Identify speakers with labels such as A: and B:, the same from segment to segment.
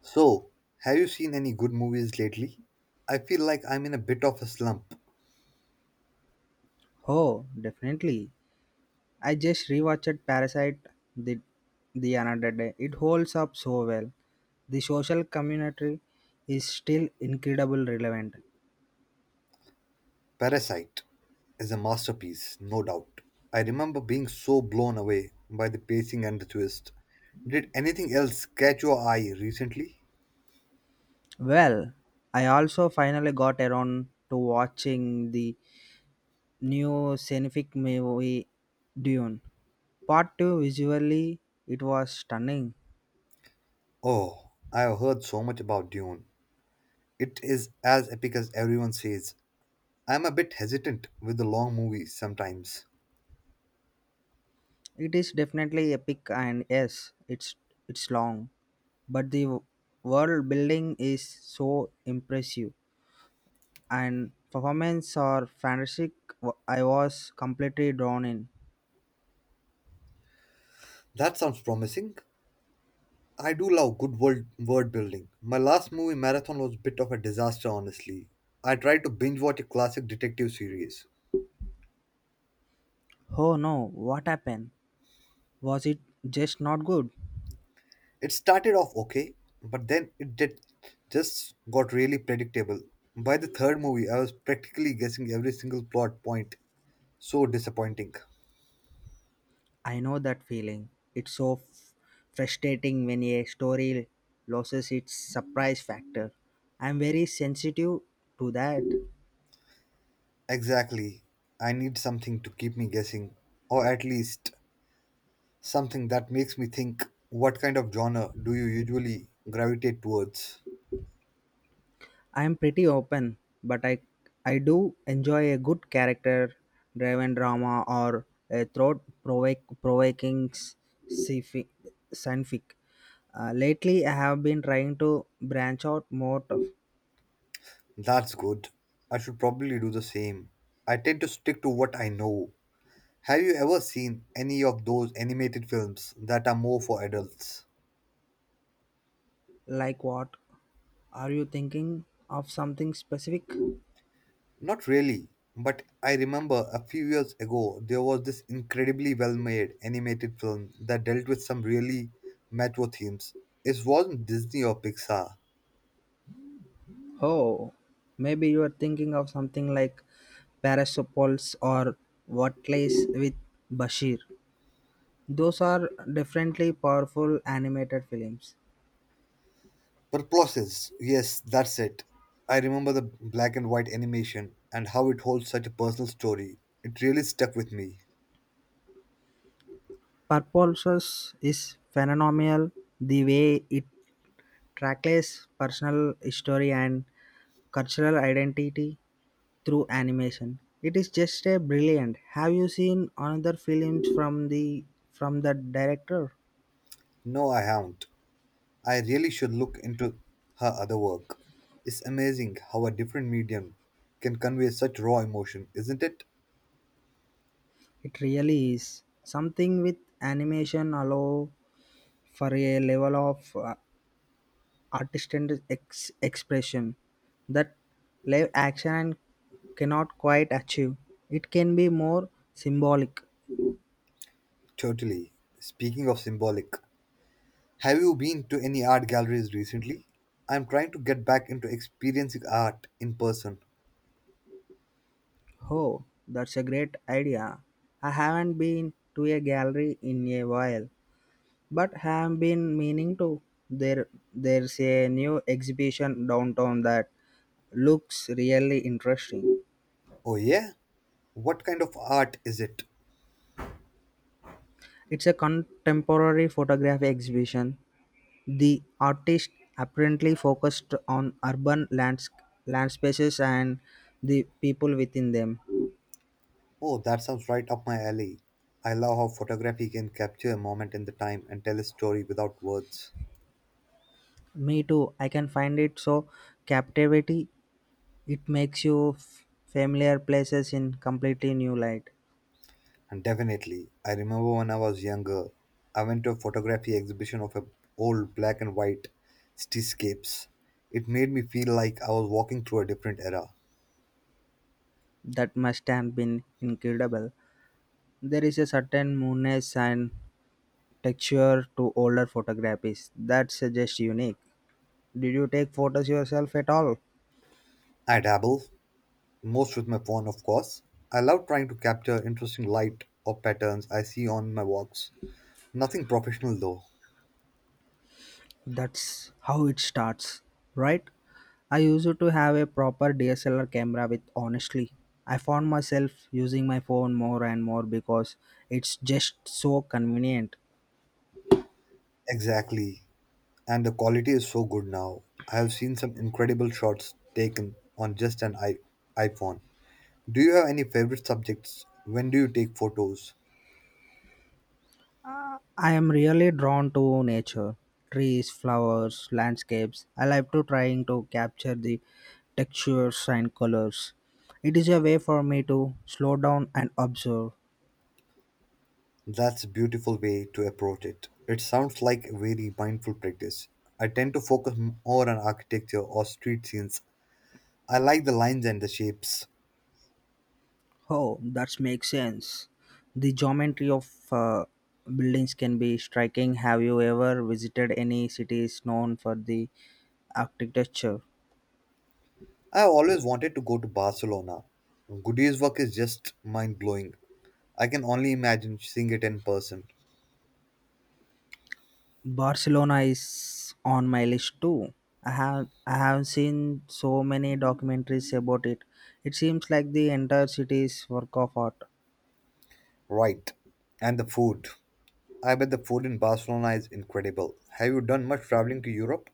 A: So, have you seen any good movies lately? I feel like I'm in a bit of a slump.
B: Oh, definitely. I just rewatched Parasite the the another day. It holds up so well. The social commentary is still incredibly relevant.
A: Parasite is a masterpiece, no doubt. I remember being so blown away by the pacing and the twist. Did anything else catch your eye recently?
B: Well, I also finally got around to watching the new scenic movie Dune. Part 2 visually it was stunning.
A: Oh, I have heard so much about Dune. It is as epic as everyone says. I'm a bit hesitant with the long movies sometimes.
B: It is definitely epic and yes, it's long, but the world building is so impressive and performance are fantastic. I was completely drawn in.
A: That sounds promising. I do love good word building. My last movie marathon was a bit of a disaster, honestly. I tried to binge watch a classic detective series.
B: Oh no, what happened? Was it just not good?
A: It started off okay, but then just got really predictable. By the third movie, I was practically guessing every single plot point. So disappointing.
B: I know that feeling. It's so frustrating when a story loses its surprise factor. I'm very sensitive to that.
A: Exactly. I need something to keep me guessing, or at least something that makes me think, what kind of genre do you usually gravitate towards?
B: I'm pretty open, but I do enjoy a good character driven drama or a thought provoking science fic. Lately, I have been trying to branch out more.
A: That's good. I should probably do the same. I tend to stick to what I know. Have you ever seen any of those animated films that are more for adults?
B: Like what? Are you thinking of something specific?
A: Not really, but I remember a few years ago there was this incredibly well made animated film that dealt with some really mature themes. It wasn't Disney or Pixar.
B: Oh, maybe you are thinking of something like Parasopolis or What Lies with Bashir. Those are definitely powerful animated films.
A: Purposes, yes, that's it. I remember the black and white animation and how it holds such a personal story. It really stuck with me.
B: Purposes is phenomenal the way it tracks personal history and cultural identity through animation. It is just a brilliant. Have you seen another films from the director?
A: No, I haven't. I really should look into her other work. It's amazing how a different medium can convey such raw emotion, isn't it?
B: It really is something with animation allow for a level of artistic expression that live action cannot quite achieve. It can be more symbolic.
A: Totally. Speaking of symbolic, have you been to any art galleries recently? I'm trying to get back into experiencing art in person.
B: Oh, that's a great idea. I haven't been to a gallery in a while, but have been meaning to. There, there's a new exhibition downtown that looks really interesting.
A: Oh, yeah? What kind of art is it?
B: It's a contemporary photography exhibition. The artist apparently focused on land spaces and the people within them.
A: Oh, that sounds right up my alley. I love how photography can capture a moment in the time and tell a story without words.
B: Me too. I can find it so captivating. It makes you familiar places in completely new light.
A: And definitely, I remember when I was younger, I went to a photography exhibition of a old black and white cityscapes. It made me feel like I was walking through a different era.
B: That must have been incredible. There is a certain moodiness and texture to older photographs that suggests unique. Did you take photos yourself at all?
A: I dabble, most with my phone, of course. I love trying to capture interesting light or patterns I see on my walks. Nothing professional though.
B: That's how it starts, right? I used to have a proper DSLR camera with honestly. I found myself using my phone more and more because it's just so convenient.
A: Exactly. And the quality is so good now. I have seen some incredible shots taken on just iPhone. Do you have any favorite subjects? When do you take photos?
B: I am really drawn to nature, trees, flowers, landscapes. I like to trying to capture the textures and colors. It is a way for me to slow down and observe.
A: That's a beautiful way to approach it. It sounds like a very mindful practice. I tend to focus more on architecture or street scenes. I like the lines and the shapes.
B: Oh, that makes sense. The geometry of buildings can be striking. Have you ever visited any cities known for the architecture?
A: I have always wanted to go to Barcelona. Goody's work is just mind blowing. I can only imagine seeing it in person.
B: Barcelona is on my list too. I have seen so many documentaries about it. It seems like the entire city is work of art.
A: Right. And the food. I bet the food in Barcelona is incredible. Have you done much traveling to Europe?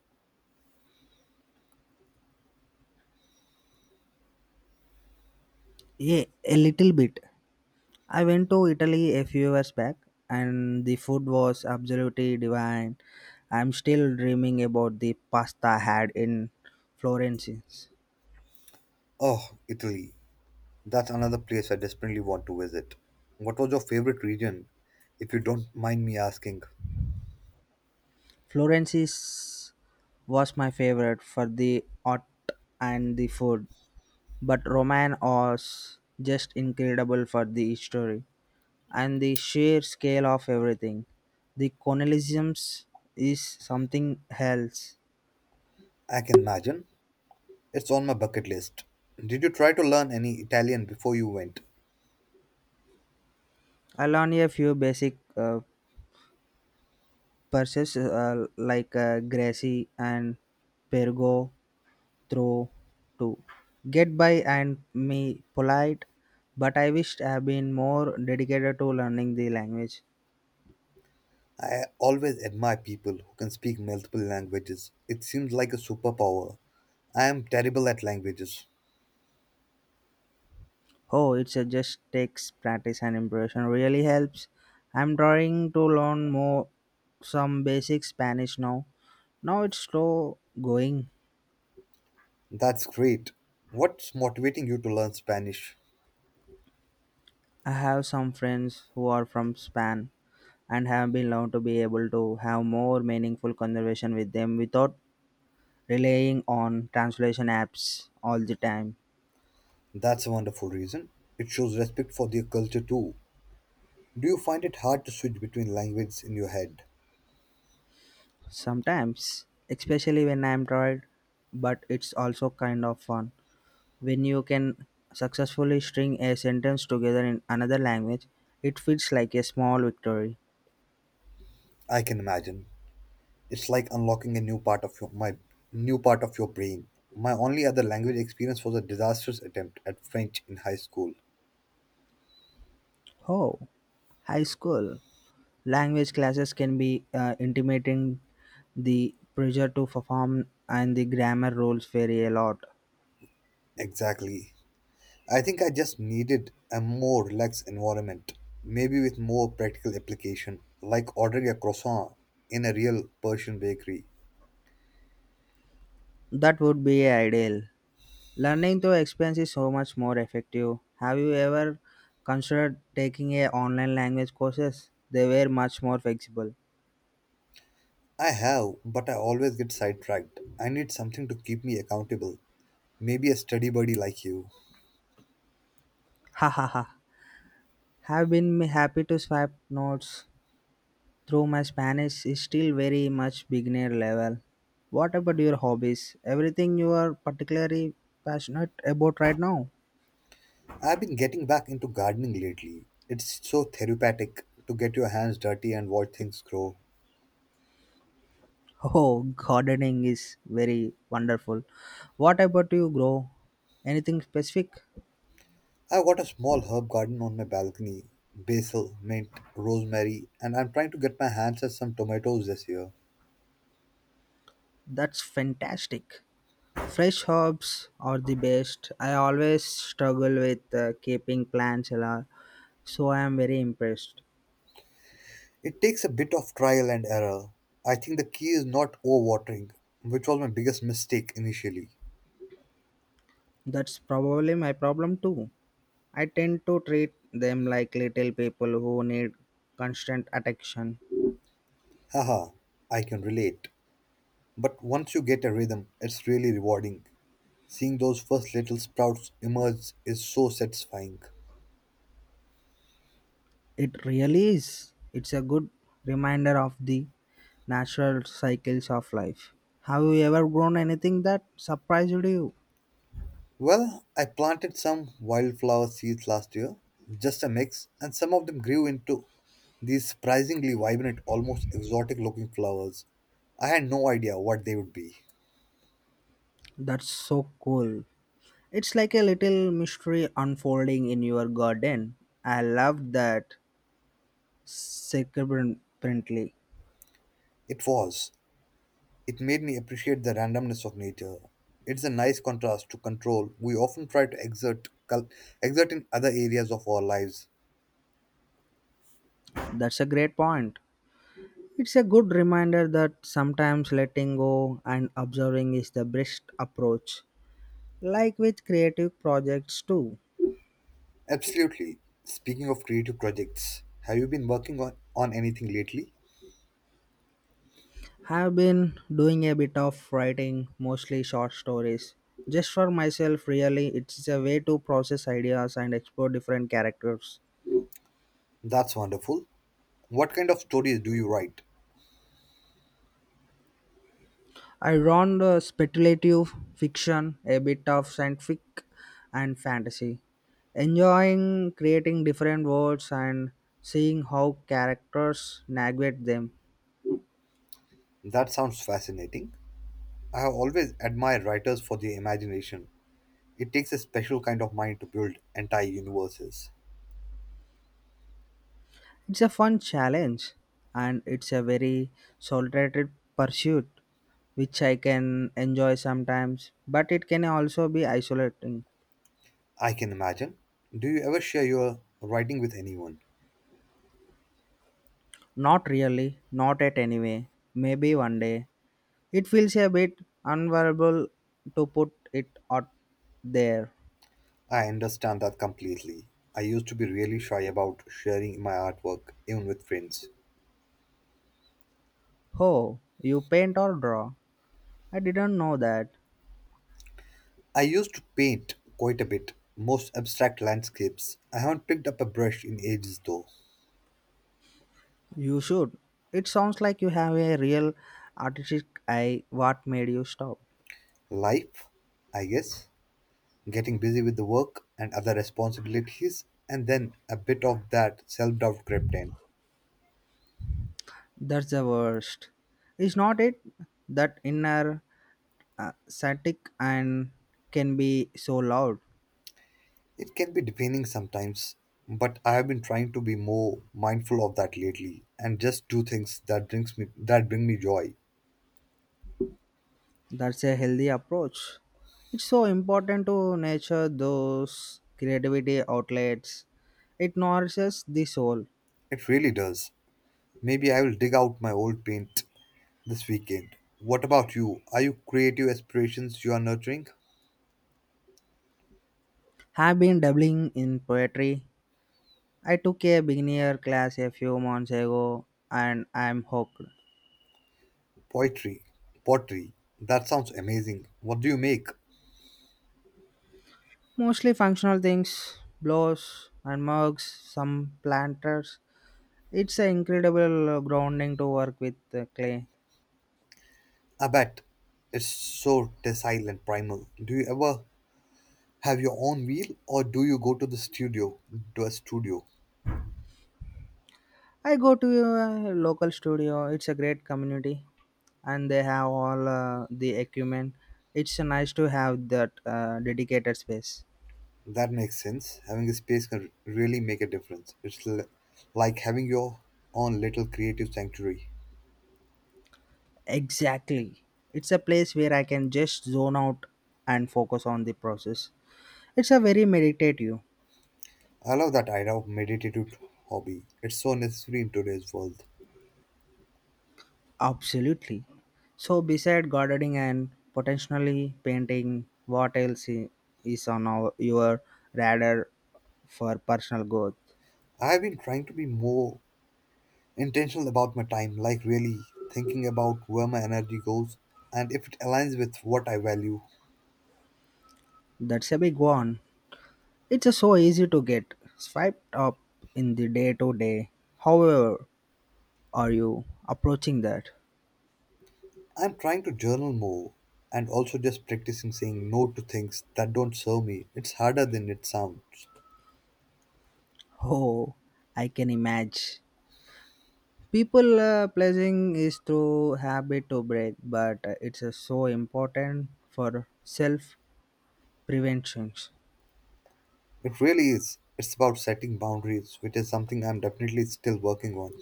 B: Yeah, a little bit. I went to Italy a few years back and the food was absolutely divine. I'm still dreaming about the pasta I had in Florence.
A: Oh, Italy. That's another place I desperately want to visit. What was your favorite region, if you don't mind me asking?
B: Florence is- was my favorite for the art and the food. But Roman was just incredible for the story and the sheer scale of everything. The colonialisms is something else.
A: I can imagine. It's on my bucket list. Did you try to learn any Italian before you went?
B: I learned a few basic purses like Gracie and Pergo through to get by and me polite, but I wished I had been more dedicated to learning the language.
A: I always admire people who can speak multiple languages. It seems like a superpower. I am terrible at languages.
B: Oh, it's a just takes practice and impression really helps. I'm trying to learn more some basic Spanish now. Now it's slow going.
A: That's great. What's motivating you to learn Spanish?
B: I have some friends who are from Spain and have been learned to be able to have more meaningful conversation with them without relying on translation apps all the time.
A: That's a wonderful reason. It shows respect for their culture too. Do you find it hard to switch between languages in your head?
B: Sometimes, especially when I'm tired, but it's also kind of fun. When you can successfully string a sentence together in another language, it feels like a small victory.
A: I can imagine. It's like unlocking a new part of your, my new part of your brain. My only other language experience was a disastrous attempt at French in high school.
B: Oh, high school. Language classes can be intimidating. The pressure to perform and the grammar rules vary a lot.
A: Exactly. I think I just needed a more relaxed environment, maybe with more practical application, like ordering a croissant in a real Persian bakery.
B: That would be ideal. Learning through experience is so much more effective. Have you ever considered taking a online language courses? They were much more flexible.
A: I have, but I always get sidetracked. I need something to keep me accountable. Maybe a study buddy like you.
B: Ha ha ha. Have been happy to swipe notes. Though my Spanish is still very much beginner level. What about your hobbies? Everything you are particularly passionate about right now?
A: I've been getting back into gardening lately. It's so therapeutic to get your hands dirty and watch things grow.
B: Oh, gardening is very wonderful. What about you, grow? Anything specific?
A: I've got a small herb garden on my balcony, basil, mint, rosemary, and I'm trying to get my hands at some tomatoes this year.
B: That's fantastic. Fresh herbs are the best. I always struggle with keeping plants alive, so I am very impressed.
A: It takes a bit of trial and error. I think the key is not overwatering, which was my biggest mistake initially.
B: That's probably my problem too. I tend to treat them like little people who need constant attention.
A: Haha, I can relate. But once you get a rhythm, it's really rewarding. Seeing those first little sprouts emerge is so satisfying.
B: It really is. It's a good reminder of the natural cycles of life. Have you ever grown anything that surprised you?
A: Well, I planted some wildflower seeds last year, just a mix, and some of them grew into these surprisingly vibrant, almost exotic looking flowers. I had no idea what they would be.
B: That's so cool. It's like a little mystery unfolding in your garden. I love that significantly.
A: It was. It made me appreciate the randomness of nature. It's a nice contrast to control we often try to exert in other areas of our lives.
B: That's a great point. It's a good reminder that sometimes letting go and observing is the best approach, like with creative projects too.
A: Absolutely. Speaking of creative projects, have you been working on anything lately?
B: I've been doing a bit of writing, mostly short stories. Just for myself, really, it's a way to process ideas and explore different characters.
A: That's wonderful. What kind of stories do you write?
B: I run the speculative fiction, a bit of scientific and fantasy. Enjoying creating different worlds and seeing how characters navigate them.
A: That sounds fascinating. I have always admired writers for their imagination. It takes a special kind of mind to build entire universes.
B: It's a fun challenge and it's a very solitary pursuit which I can enjoy sometimes, but it can also be isolating.
A: I can imagine. Do you ever share your writing with anyone?
B: Not really, not at any way. Maybe one day. It feels a bit unbearable to put it out there.
A: I understand that completely. I used to be really shy about sharing my artwork, even with friends.
B: Oh, you paint or draw? I didn't know that.
A: I used to paint quite a bit, most abstract landscapes. I haven't picked up a brush in ages though.
B: You should. It sounds like you have a real artistic eye. What made you stop?
A: Life, I guess, getting busy with the work and other responsibilities, and then a bit of that self doubt crept in.
B: That's the worst. Is not it that inner static and can be so loud?
A: It can be defining sometimes, but I have been trying to be more mindful of that lately and just do things that bring me joy.
B: That's a healthy approach. It's so important to nurture those creativity outlets. It nourishes the soul.
A: It really does. Maybe I will dig out my old paint this weekend. What about you? Are you creative aspirations you are nurturing?
B: Have been dabbling in poetry. I took a beginner class a few months ago and I'm hooked.
A: Poetry, pottery. That sounds amazing. What do you make?
B: Mostly functional things, blows and mugs, some planters. It's an incredible grounding to work with clay.
A: I bet it's so docile and primal. Do you ever have your own wheel, or do you go to the studio? To a studio,
B: I go to a local studio. It's a great community, and they have all the equipment. It's nice to have that dedicated space.
A: that makes sense. Having a space can really make a difference. Like having your own little creative sanctuary.
B: Exactly, it's a place where I can just zone out and focus on the process. It's a very meditative.
A: I love that idea of meditative hobby. It's so necessary in today's world.
B: Absolutely. So, beside gardening and potentially painting, what else is on your radar for personal growth?
A: I've been trying to be more intentional about my time, like really thinking about where my energy goes and if it aligns with what I value.
B: That's a big one. It's so easy to get swiped up in the day to day. However, are you approaching that?
A: I'm trying to journal more and also just practicing saying no to things that don't serve me. It's harder than it sounds.
B: Oh, I can imagine. People pleasing is through habit to break, but it's so important for self prevention.
A: It really is. It's about setting boundaries, which is something I'm definitely still working on.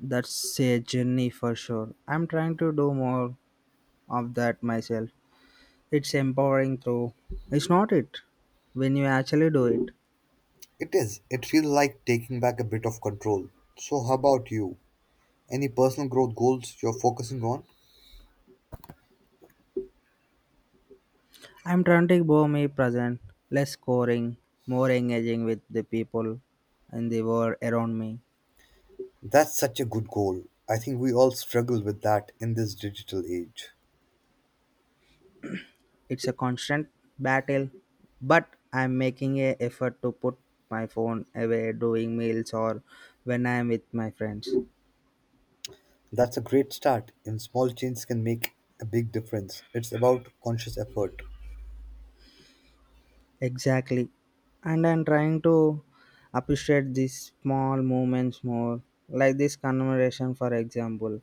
B: That's a journey for sure. I'm trying to do more of that myself. It's empowering though. It's not it when you actually do it.
A: It is. It feels like taking back a bit of control. So, how about you? Any personal growth goals you're focusing on?
B: I'm trying to be me present, less scoring, more engaging with the people and the world around me.
A: That's such a good goal. I think we all struggle with that in this digital age.
B: It's a constant battle, but I'm making a effort to put my phone away doing meals or when I'm with my friends.
A: That's a great start, and small changes can make a big difference. It's about conscious effort.
B: Exactly. And I'm trying to appreciate these small moments more, like this conversation, for example.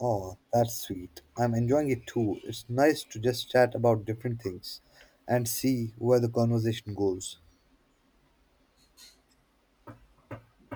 A: Oh, that's sweet. I'm enjoying it too. It's nice to just chat about different things and see where the conversation goes.